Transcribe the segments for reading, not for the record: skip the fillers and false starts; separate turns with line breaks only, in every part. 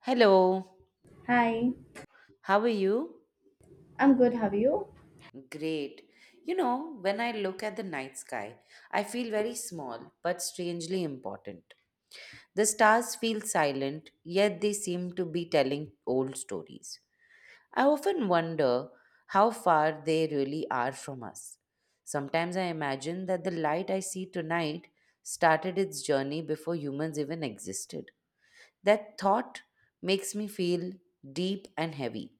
Hello,
Hi,
how are you?
I'm good. How are you?
Great. You know, when I look at the night sky, I feel very small but strangely important. The stars feel silent, yet they seem to be telling old stories. I often wonder how far they really are from us. Sometimes I imagine that the light I see tonight started its journey before humans even existed. That thought makes me feel deep and heavy.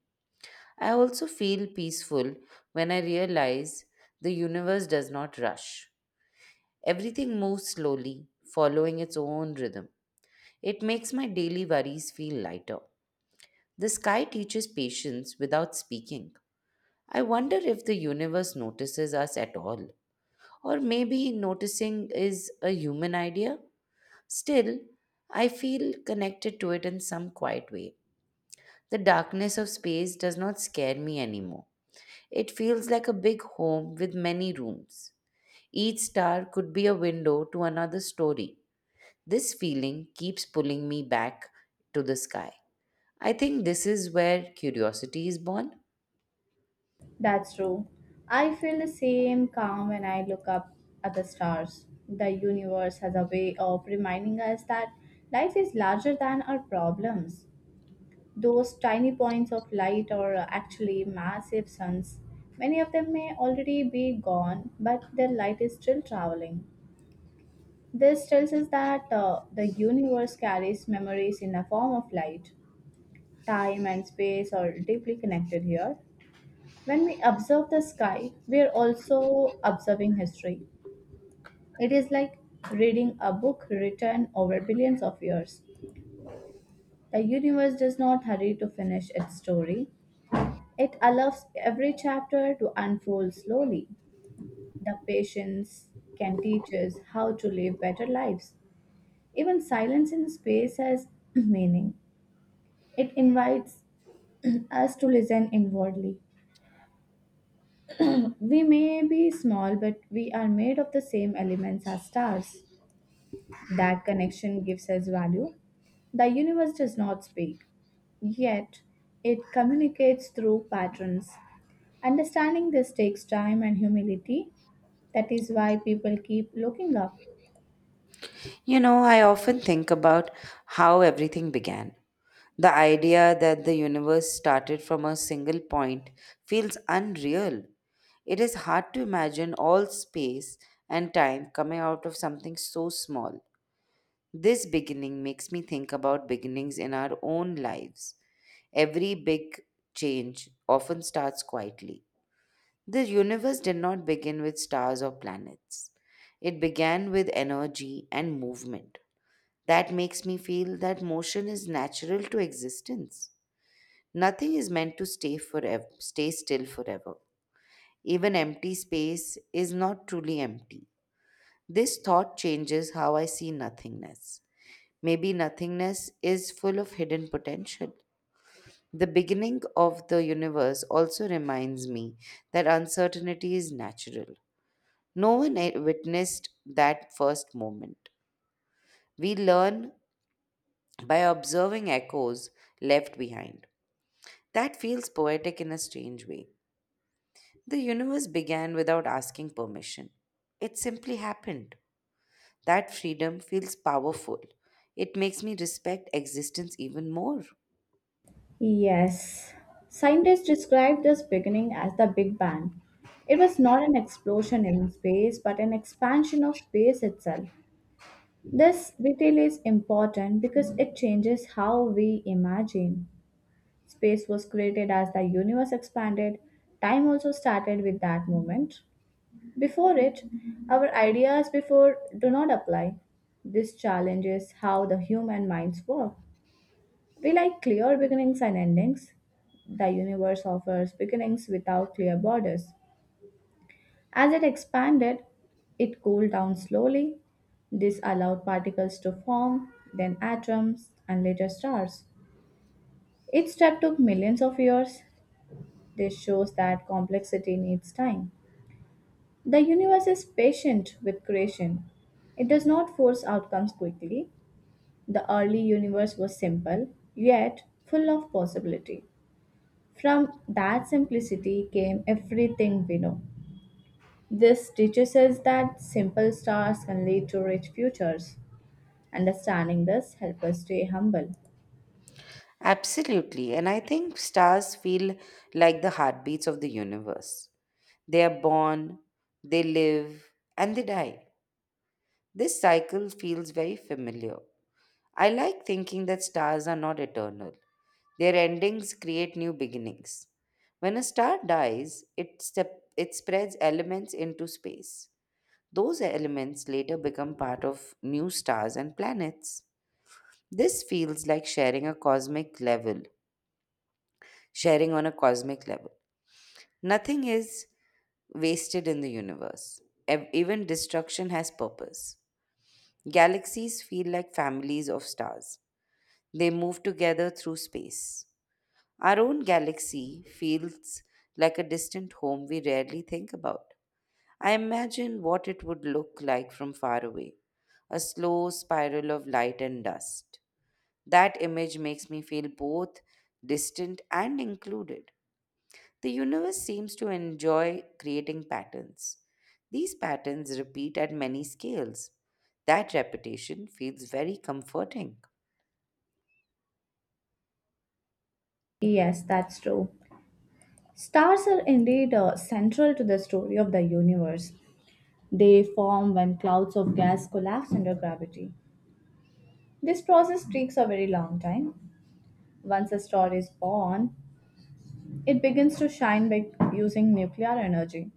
I also feel peaceful when I realize the universe does not rush. Everything moves slowly, following its own rhythm. It makes my daily worries feel lighter. The sky teaches patience without speaking. I wonder if the universe notices us at all, or maybe noticing is a human idea. Still, I feel connected to it in some quiet way. The darkness of space does not scare me anymore. It feels like a big home with many rooms. Each star could be a window to another story. This feeling keeps pulling me back to the sky. I think this is where curiosity is born.
That's true. I feel the same calm when I look up at the stars. The universe has a way of reminding us that life is larger than our problems. Those tiny points of light are actually massive suns. Many of them may already be gone, but their light is still traveling. This tells us that the universe carries memories in the form of light. Time and space are deeply connected here. When we observe the sky, we are also observing history. It is like reading a book written over billions of years. The universe does not hurry to finish its story, it allows every chapter to unfold slowly. The patience can teach us how to live better lives. Even silence in space has meaning. It invites us to listen inwardly. We may be small, but we are made of the same elements as stars. That connection gives us value. The universe does not speak, yet it communicates through patterns. Understanding this takes time and humility. That is why people keep looking up.
You know, I often think about how everything began. The idea that the universe started from a single point feels unreal. It is hard to imagine all space and time coming out of something so small. This beginning makes me think about beginnings in our own lives. Every big change often starts quietly. The universe did not begin with stars or planets. It began with energy and movement. That makes me feel that motion is natural to existence. Nothing is meant to stay forever, stay still forever. Even empty space is not truly empty. This thought changes how I see nothingness. Maybe nothingness is full of hidden potential. The beginning of the universe also reminds me that uncertainty is natural. No one witnessed that first moment. We learn by observing echoes left behind. That feels poetic in a strange way. The universe began without asking permission. It simply happened. That freedom feels powerful. It makes me respect existence even more.
Yes. Scientists describe this beginning as the Big Bang. It was not an explosion in space, but an expansion of space itself. This detail is important because it changes how we imagine. Space was created as the universe expanded. Time also started with that moment. Before it, our ideas before do not apply. This challenges how the human minds work. We like clear beginnings and endings. The universe offers beginnings without clear borders. As it expanded, it cooled down slowly. This allowed particles to form, then atoms, and later stars. Each step took millions of years. This shows that complexity needs time. The universe is patient with creation. It does not force outcomes quickly. The early universe was simple, yet full of possibility. From that simplicity came everything we know. This teaches us that simple stars can lead to rich futures. Understanding this helps us stay humble.
Absolutely. And I think stars feel like the heartbeats of the universe. They are born, they live, and they die. This cycle feels very familiar. I like thinking that stars are not eternal. Their endings create new beginnings. When a star dies, it spreads elements into space. Those elements later become part of new stars and planets. This feels like sharing on a cosmic level. Nothing is wasted in the universe. Even destruction has purpose. Galaxies feel like families of stars. They move together through space. Our own galaxy feels like a distant home we rarely think about. I imagine what it would look like from far away, a slow spiral of light and dust. That image makes me feel both distant and included. The universe seems to enjoy creating patterns. These patterns repeat at many scales. That repetition feels very comforting.
Yes, that's true. Stars are indeed central to the story of the universe. They form when clouds of gas collapse under gravity. This process takes a very long time. Once a star is born, it begins to shine by using nuclear energy.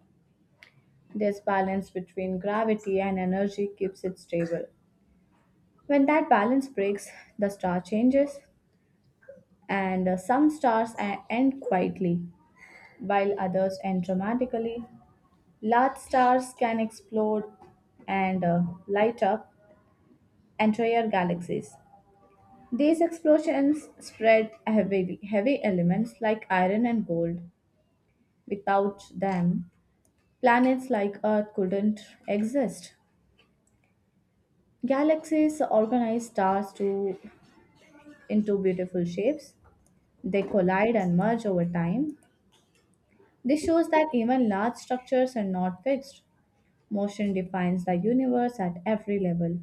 This balance between gravity and energy keeps it stable. When that balance breaks, the star changes, and some end quietly, while others end dramatically. Large stars can explode and light up entire galaxies. These explosions spread heavy, heavy elements like iron and gold. Without them, planets like Earth couldn't exist. Galaxies organize into beautiful shapes. They collide and merge over time. This shows that even large structures are not fixed. Motion defines the universe at every level.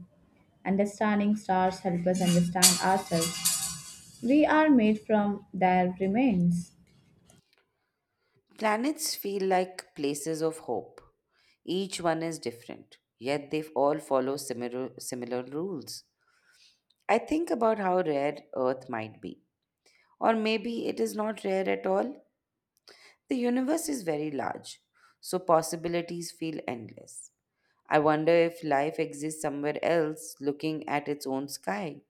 Understanding stars help us understand ourselves. We are made from their remains.
Planets feel like places of hope. Each one is different, yet they all follow similar rules. I think about how rare Earth might be. Or maybe it is not rare at all. The universe is very large, so possibilities feel endless. I wonder if life exists somewhere else looking at its own sky.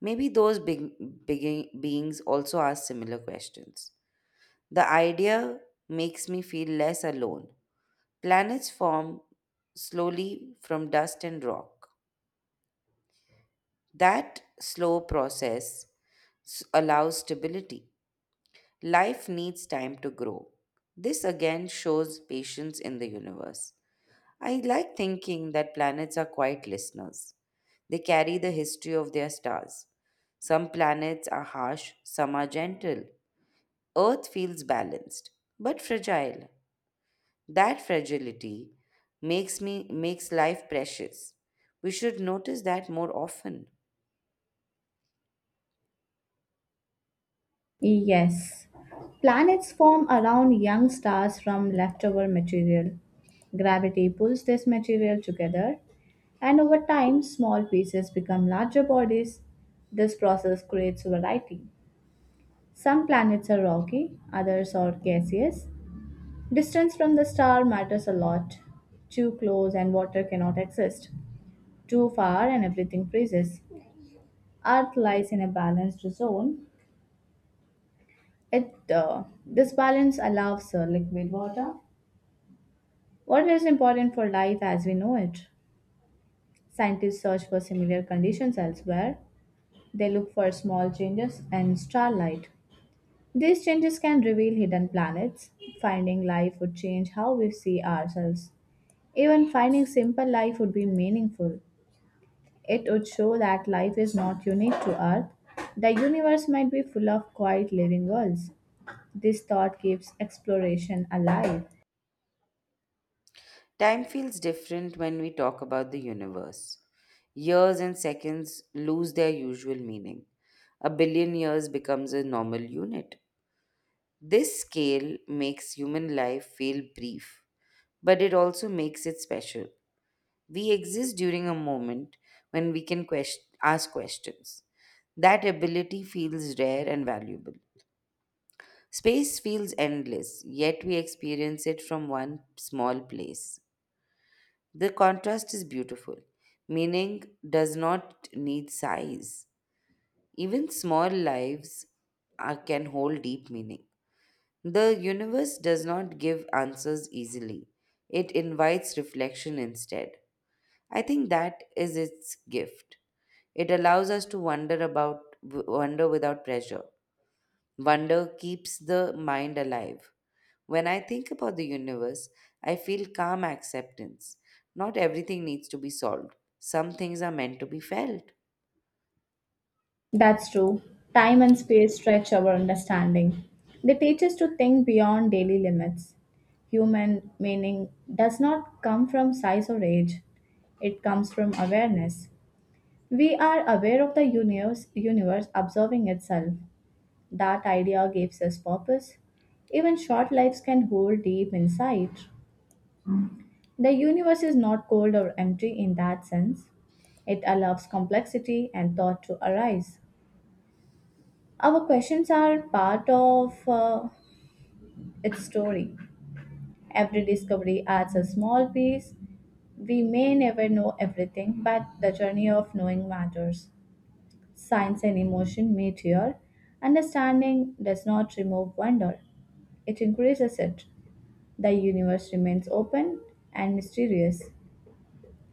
Maybe those big beings also ask similar questions. The idea makes me feel less alone. Planets form slowly from dust and rock. That slow process allows stability. Life needs time to grow. This again shows patience in the universe. I like thinking that planets are quiet listeners. They carry the history of their stars. Some planets are harsh, some are gentle. Earth feels balanced, but fragile. That fragility makes life precious. We should notice that more often.
Yes. Planets form around young stars from leftover material. Gravity pulls this material together, and over time, small pieces become larger bodies. This process creates variety. Some planets are rocky, others are gaseous. Distance from the star matters a lot. Too close and water cannot exist. Too far and everything freezes. Earth lies in a balanced zone. It This balance allows liquid water. Water is important for life as we know it. Scientists search for similar conditions elsewhere. They look for small changes in starlight. These changes can reveal hidden planets. Finding life would change how we see ourselves. Even finding simple life would be meaningful. It would show that life is not unique to Earth. The universe might be full of quiet living worlds. This thought keeps exploration alive.
Time feels different when we talk about the universe. Years and seconds lose their usual meaning. A billion years becomes a normal unit. This scale makes human life feel brief, but it also makes it special. We exist during a moment when we can ask questions. That ability feels rare and valuable. Space feels endless, yet we experience it from one small place. The contrast is beautiful. Meaning does not need size. Even small lives are, can hold deep meaning. The universe does not give answers easily. It invites reflection instead. I think that is its gift. It allows us to wonder about wonder without pressure. Wonder keeps the mind alive. When I think about the universe, I feel calm acceptance. Not everything needs to be solved. Some things are meant to be felt.
That's true. Time and space stretch our understanding. They teach us to think beyond daily limits. Human meaning does not come from size or age, it comes from awareness. We are aware of the universe observing itself. That idea gives us purpose. Even short lives can hold deep insight. The universe is not cold or empty in that sense. It allows complexity and thought to arise. Our questions are part of its story. Every discovery adds a small piece. We may never know everything, but the journey of knowing matters. Science and emotion meet here. Understanding does not remove wonder, it increases it. The universe remains open and mysterious.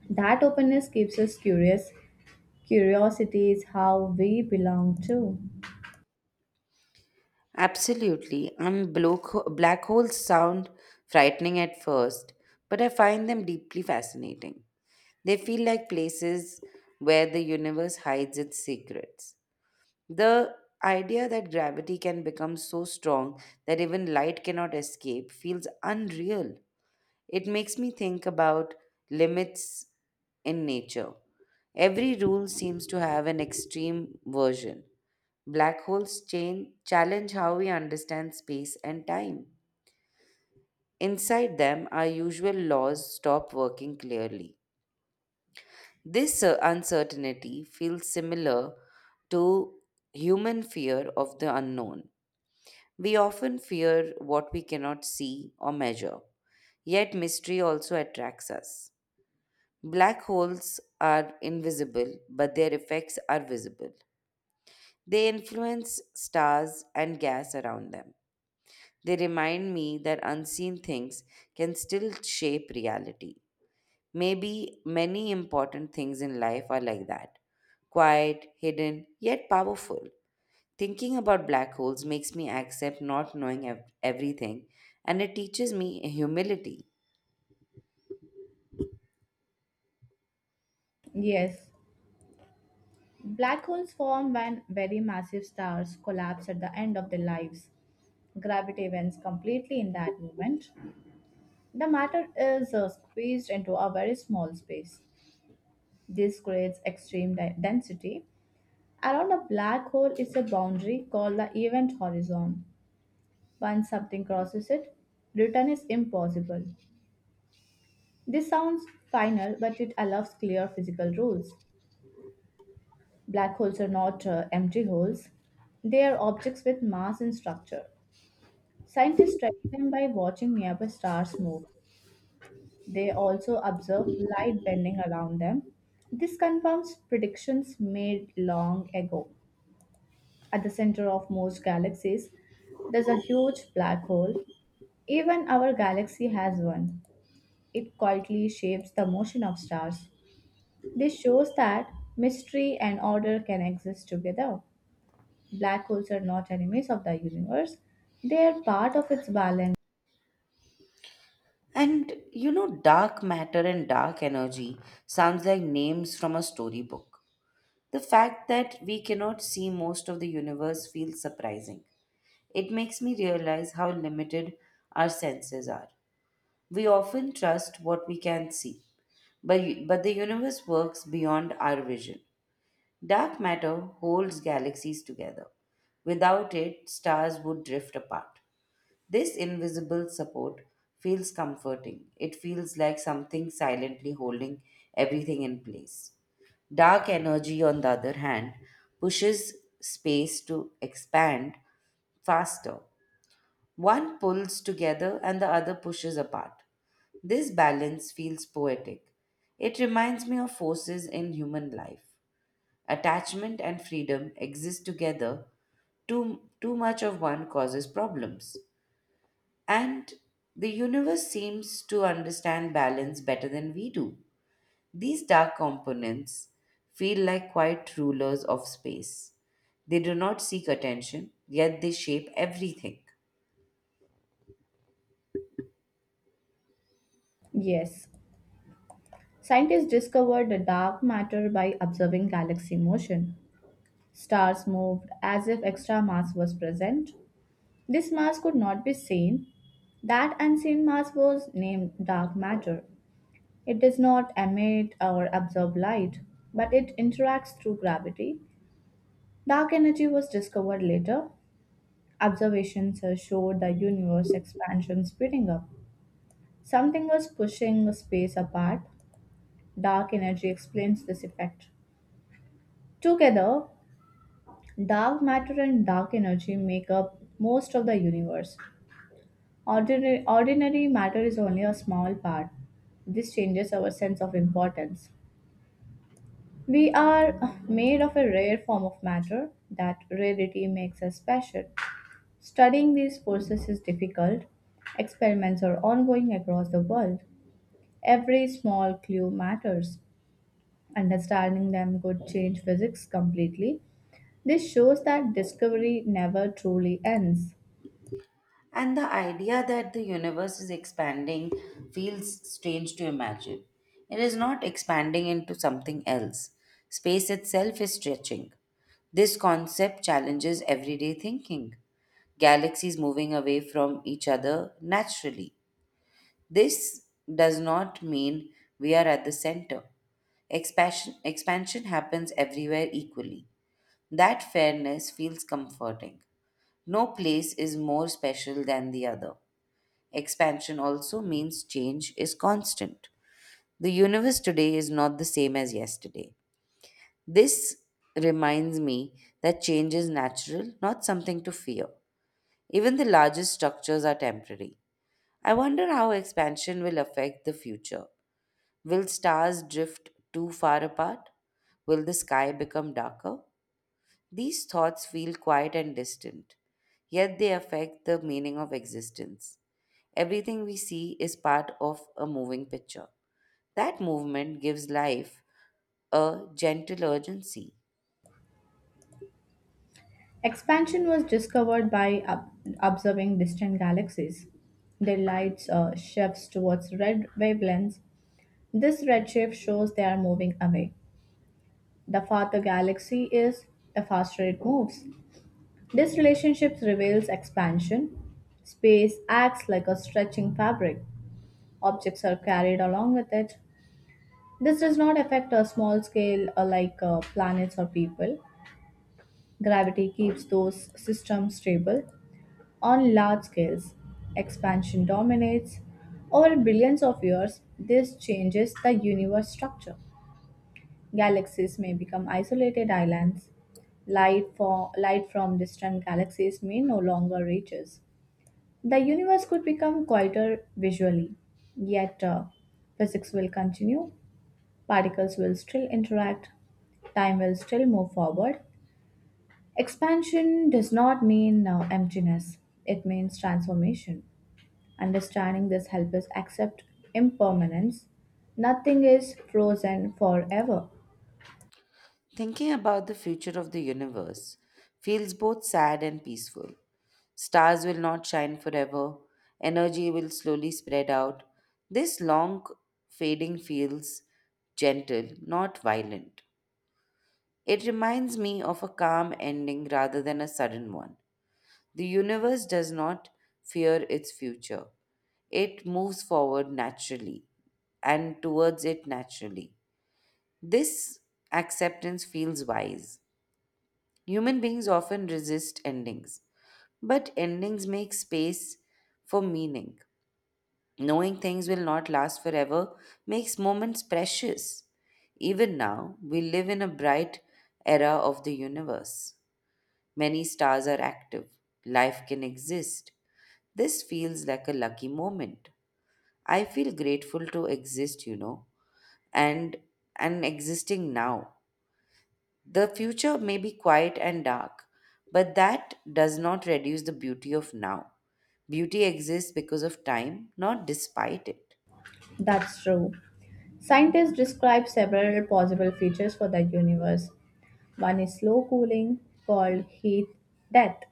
That openness keeps us curious. Curiosity is how we belong to.
Absolutely. And black holes sound frightening at first, but I find them deeply fascinating. They feel like places where the universe hides its secrets. The idea that gravity can become so strong that even light cannot escape feels unreal. It makes me think about limits in nature. Every rule seems to have an extreme version. Black holes chain challenge how we understand space and time. Inside them, our usual laws stop working clearly. This uncertainty feels similar to human fear of the unknown. We often fear what we cannot see or measure, yet mystery also attracts us. Black holes are invisible, but their effects are visible. They influence stars and gas around them. They remind me that unseen things can still shape reality. Maybe many important things in life are like that: quiet, hidden, yet powerful. Thinking about black holes makes me accept not knowing everything, and it teaches me humility.
Yes. Black holes form when very massive stars collapse at the end of their lives. Gravity bends completely in that moment. The matter is squeezed into a very small space. This creates extreme density. Around a black hole is a boundary called the event horizon. Once something crosses it, return is impossible. This sounds final, but it allows clear physical rules. Black holes are not empty holes, they are objects with mass and structure. Scientists study them by watching nearby stars move. They also observe light bending around them. This confirms predictions made long ago. At the center of most galaxies, there's a huge black hole. Even our galaxy has one. It quietly shapes the motion of stars. This shows that mystery and order can exist together. Black holes are not enemies of the universe, they are part of its balance.
And you know, dark matter and dark energy sounds like names from a storybook. The fact that we cannot see most of the universe feels surprising. It makes me realize how limited our senses are. We often trust what we can see, but the universe works beyond our vision. Dark matter holds galaxies together. Without it, stars would drift apart. This invisible support feels comforting. It feels like something silently holding everything in place. Dark energy, on the other hand, pushes space to expand faster. One pulls together and the other pushes apart. This balance feels poetic. It reminds me of forces in human life. Attachment and freedom exist together. Too much of one causes problems. And the universe seems to understand balance better than we do. These dark components feel like quiet rulers of space. They do not seek attention, yet they shape everything.
Yes, scientists discovered the dark matter by observing galaxy motion. Stars moved as if extra mass was present. This mass could not be seen. That unseen mass was named dark matter. It does not emit or absorb light, but it interacts through gravity. Dark energy was discovered later. Observations showed the universe expansion speeding up. Something was pushing space apart. Dark energy explains this effect. Together, dark matter and dark energy make up most of the universe. Ordinary matter is only a small part. This changes our sense of importance. We are made of a rare form of matter. That rarity makes us special. Studying these forces is difficult. Experiments are ongoing across the world. Every small clue matters. Understanding them could change physics completely. This shows that discovery never truly ends.
And the idea that the universe is expanding feels strange to imagine. It is not expanding into something else. Space itself is stretching. This concept challenges everyday thinking. Galaxies moving away from each other naturally. This does not mean we are at the center. Expansion happens everywhere equally. That fairness feels comforting. No place is more special than the other. Expansion also means change is constant. The universe today is not the same as yesterday. This reminds me that change is natural, not something to fear. Even the largest structures are temporary. I wonder how expansion will affect the future. Will stars drift too far apart? Will the sky become darker? These thoughts feel quiet and distant, yet they affect the meaning of existence. Everything we see is part of a moving picture. That movement gives life a gentle urgency.
Expansion was discovered by observing distant galaxies. Their lights shifts towards red wavelengths. This redshift shows they are moving away. The farther galaxy is, the faster it moves. This relationship reveals expansion. Space acts like a stretching fabric. Objects are carried along with it. This does not affect a small scale like planets or people. Gravity keeps those systems stable. On large scales, expansion dominates. Over billions of years, this changes the universe structure. Galaxies may become isolated islands. Light from distant galaxies may no longer reach us. The universe could become quieter visually, yet physics will continue, particles will still interact, time will still move forward. Expansion does not mean emptiness, it means transformation. Understanding this helps us accept impermanence. Nothing is frozen forever.
Thinking about the future of the universe feels both sad and peaceful. Stars will not shine forever. Energy will slowly spread out. This long fading feels gentle, not violent. It reminds me of a calm ending rather than a sudden one. The universe does not fear its future. It moves forward naturally and towards it naturally. This acceptance feels wise. Human beings often resist endings, but endings make space for meaning. Knowing things will not last forever makes moments precious. Even now, we live in a bright era of the universe. Many stars are active. Life can exist. This feels like a lucky moment. I feel grateful to exist, and existing now. The future may be quiet and dark, but that does not reduce the beauty of now. Beauty exists because of time, not despite it.
That's true. Scientists describe several possible features for the universe. One is slow cooling, called heat death.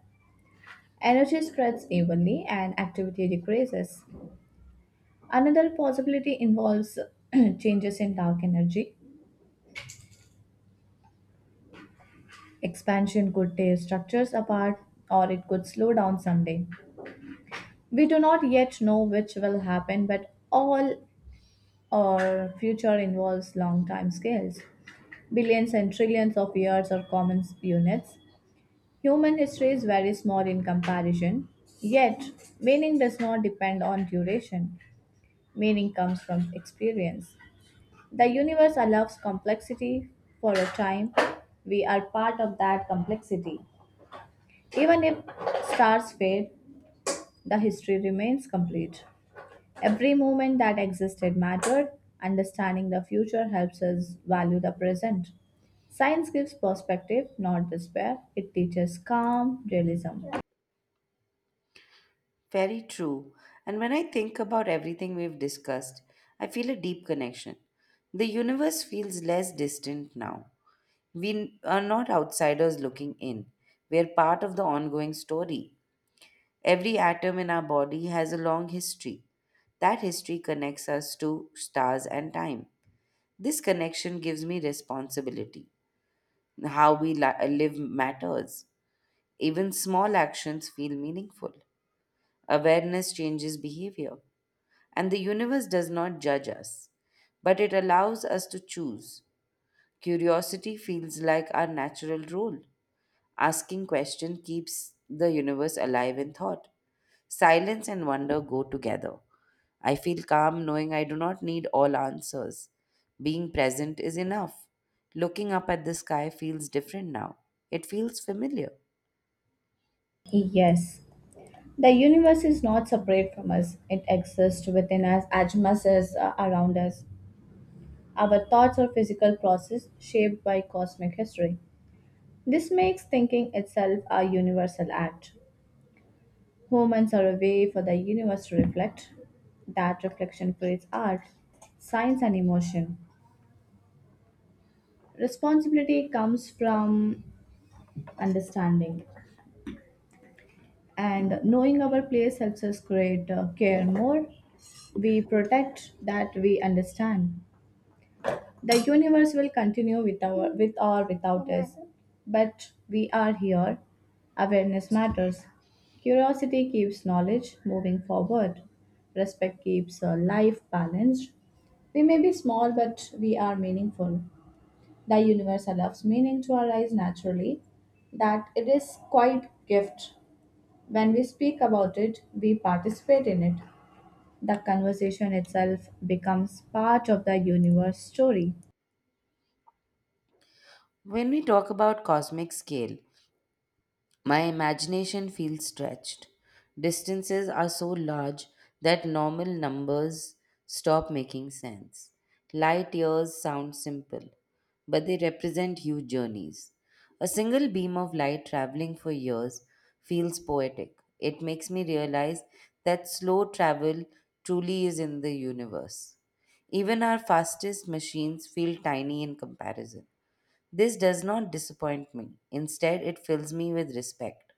Energy spreads evenly and activity decreases. Another possibility involves changes in dark energy. Expansion could tear structures apart or it could slow down someday. We do not yet know which will happen, but all our future involves long time scales. Billions and trillions of years are common units. Human history is very small in comparison, yet, meaning does not depend on duration. Meaning comes from experience. The universe allows complexity for a time. We are part of that complexity. Even if stars fade, the history remains complete. Every moment that existed mattered. Understanding the future helps us value the present. Science gives perspective, not despair. It teaches calm realism.
Very true. And when I think about everything we've discussed, I feel a deep connection. The universe feels less distant now. We are not outsiders looking in. We are part of the ongoing story. Every atom in our body has a long history. That history connects us to stars and time. This connection gives me responsibility. How we live matters. Even small actions feel meaningful. Awareness changes behavior. And the universe does not judge us, but it allows us to choose. Curiosity feels like our natural role. Asking question keeps the universe alive in thought. Silence and wonder go together. I feel calm knowing I do not need all answers. Being present is enough. Looking up at the sky feels different now. It feels familiar.
Yes, the universe is not separate from us, it exists within us as much as around us. Our thoughts are physical process shaped by cosmic history. This makes thinking itself a universal act. Moments are a way for the universe to reflect. That reflection creates art, science, and emotion. Responsibility comes from understanding, and knowing our place helps us create care more. We protect that we understand. The universe will continue with or without us, but we are here. Awareness matters. Curiosity keeps knowledge moving forward. Respect keeps life balanced. We may be small, but we are meaningful. The universe allows meaning to arise naturally. That it is quite gift. When we speak about it, we participate in it. The conversation itself becomes part of the universe story.
When we talk about cosmic scale, my imagination feels stretched. Distances are so large that normal numbers stop making sense. Light years sound simple, but they represent huge journeys. A single beam of light traveling for years feels poetic. It makes me realize that slow travel truly is in the universe. Even our fastest machines feel tiny in comparison. This does not disappoint me. Instead, it fills me with respect.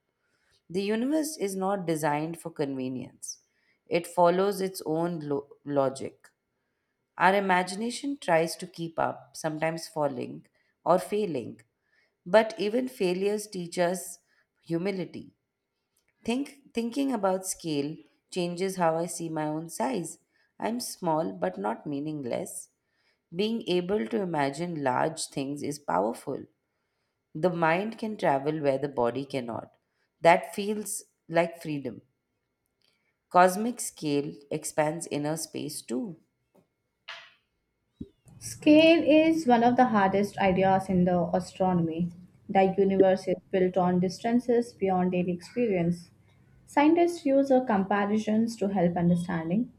The universe is not designed for convenience. It follows its own logic. Our imagination tries to keep up, sometimes falling or failing. But even failures teach us humility. Thinking about scale changes how I see my own size. I'm small but not meaningless. Being able to imagine large things is powerful. The mind can travel where the body cannot. That feels like freedom. Cosmic scale expands inner space too.
Scale is one of the hardest ideas in the astronomy. The universe is built on distances beyond daily experience. Scientists use comparisons to help understanding.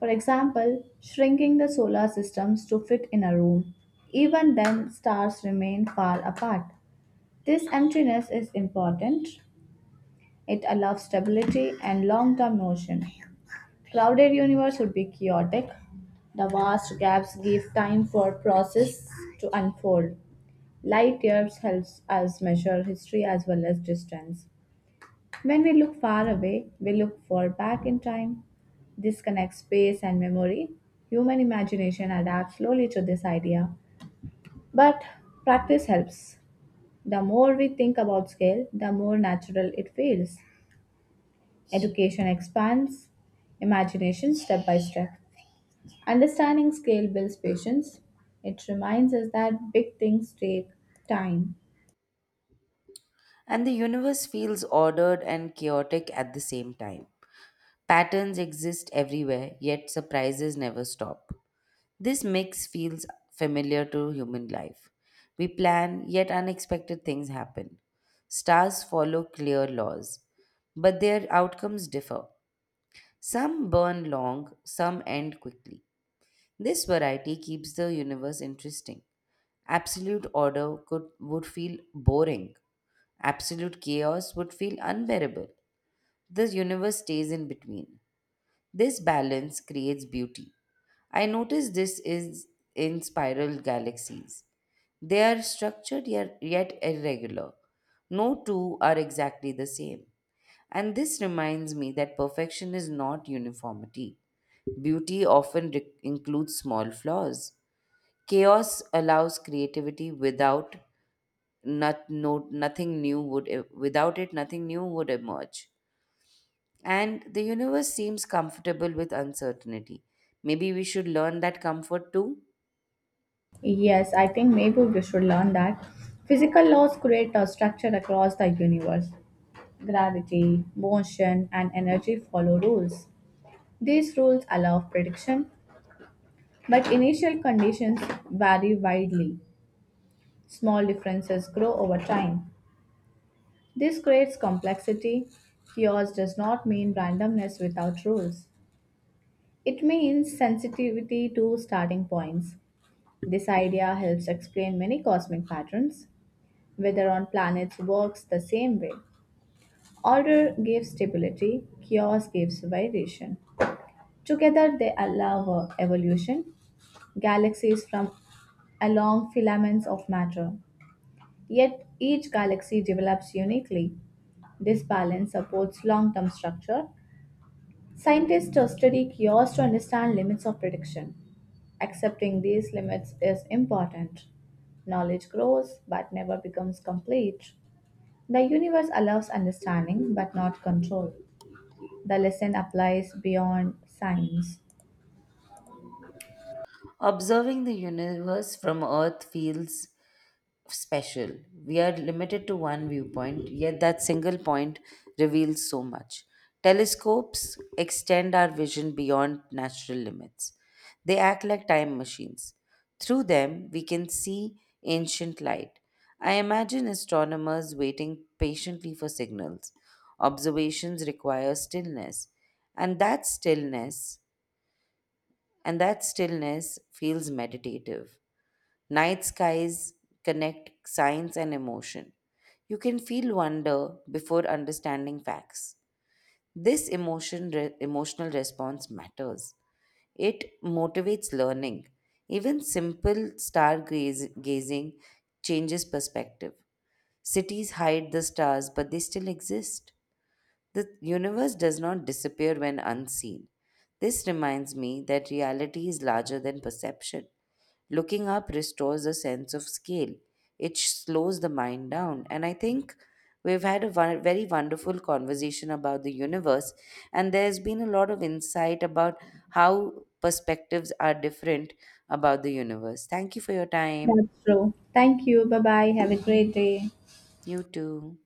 For example, shrinking the solar systems to fit in a room. Even then, stars remain far apart. This emptiness is important. It allows stability and long term motion. Crowded universe would be chaotic. The vast gaps give time for process to unfold. Light years helps us measure history as well as distance. When we look far away, we look far back in time. This connects space and memory. Human imagination adapts slowly to this idea, but practice helps. The more we think about scale, the more natural it feels. Education expands imagination step by step. Understanding scale builds patience. It reminds us that big things take time.
And the universe feels ordered and chaotic at the same time. Patterns exist everywhere, yet surprises never stop. This mix feels familiar to human life. We plan, yet unexpected things happen. Stars follow clear laws, but their outcomes differ. Some burn long, some end quickly. This variety keeps the universe interesting. Absolute order would feel boring. Absolute chaos would feel unbearable. The universe stays in between. This balance creates beauty. I notice this is in spiral galaxies. They are structured yet irregular. No two are exactly the same. And this reminds me that perfection is not uniformity. Beauty often includes small flaws. Chaos allows creativity without not, no, nothing new would e- without it nothing new would emerge. And the universe seems comfortable with uncertainty. Maybe we should learn that comfort too.
Yes, I think maybe we should learn that physical laws create a structure across the universe. Gravity, motion, and energy follow rules. These rules allow prediction, but initial conditions vary widely. Small differences grow over time. This creates complexity. Chaos does not mean randomness without rules. It means sensitivity to starting points. This idea helps explain many cosmic patterns, whether on planets works the same way. Order gives stability, chaos gives variation. Together, they allow evolution, galaxies from along filaments of matter. Yet, each galaxy develops uniquely. This balance supports long term structure. Scientists study chaos to understand limits of prediction. Accepting these limits is important. Knowledge grows but never becomes complete. The universe allows understanding but not control. The lesson applies beyond science.
Observing the universe from Earth feels special. We are limited to one viewpoint, yet that single point reveals so much. Telescopes extend our vision beyond natural limits. They act like time machines. Through them, we can see ancient light. I imagine astronomers waiting patiently for signals. Observations require stillness, and that stillness, and that stillness feels meditative. Night skies connect science and emotion. You can feel wonder before understanding facts. This emotional response matters. It motivates learning. Even simple stargazing changes perspective. Cities hide the stars, but they still exist. The universe does not disappear when unseen. This reminds me that reality is larger than perception. Looking up restores a sense of scale. It slows the mind down. And I think we've had a very wonderful conversation about the universe, and there's been a lot of insight about how perspectives are different about the universe. Thank you for your time.
That's true. Thank you. Bye bye. Have a great day.
You too.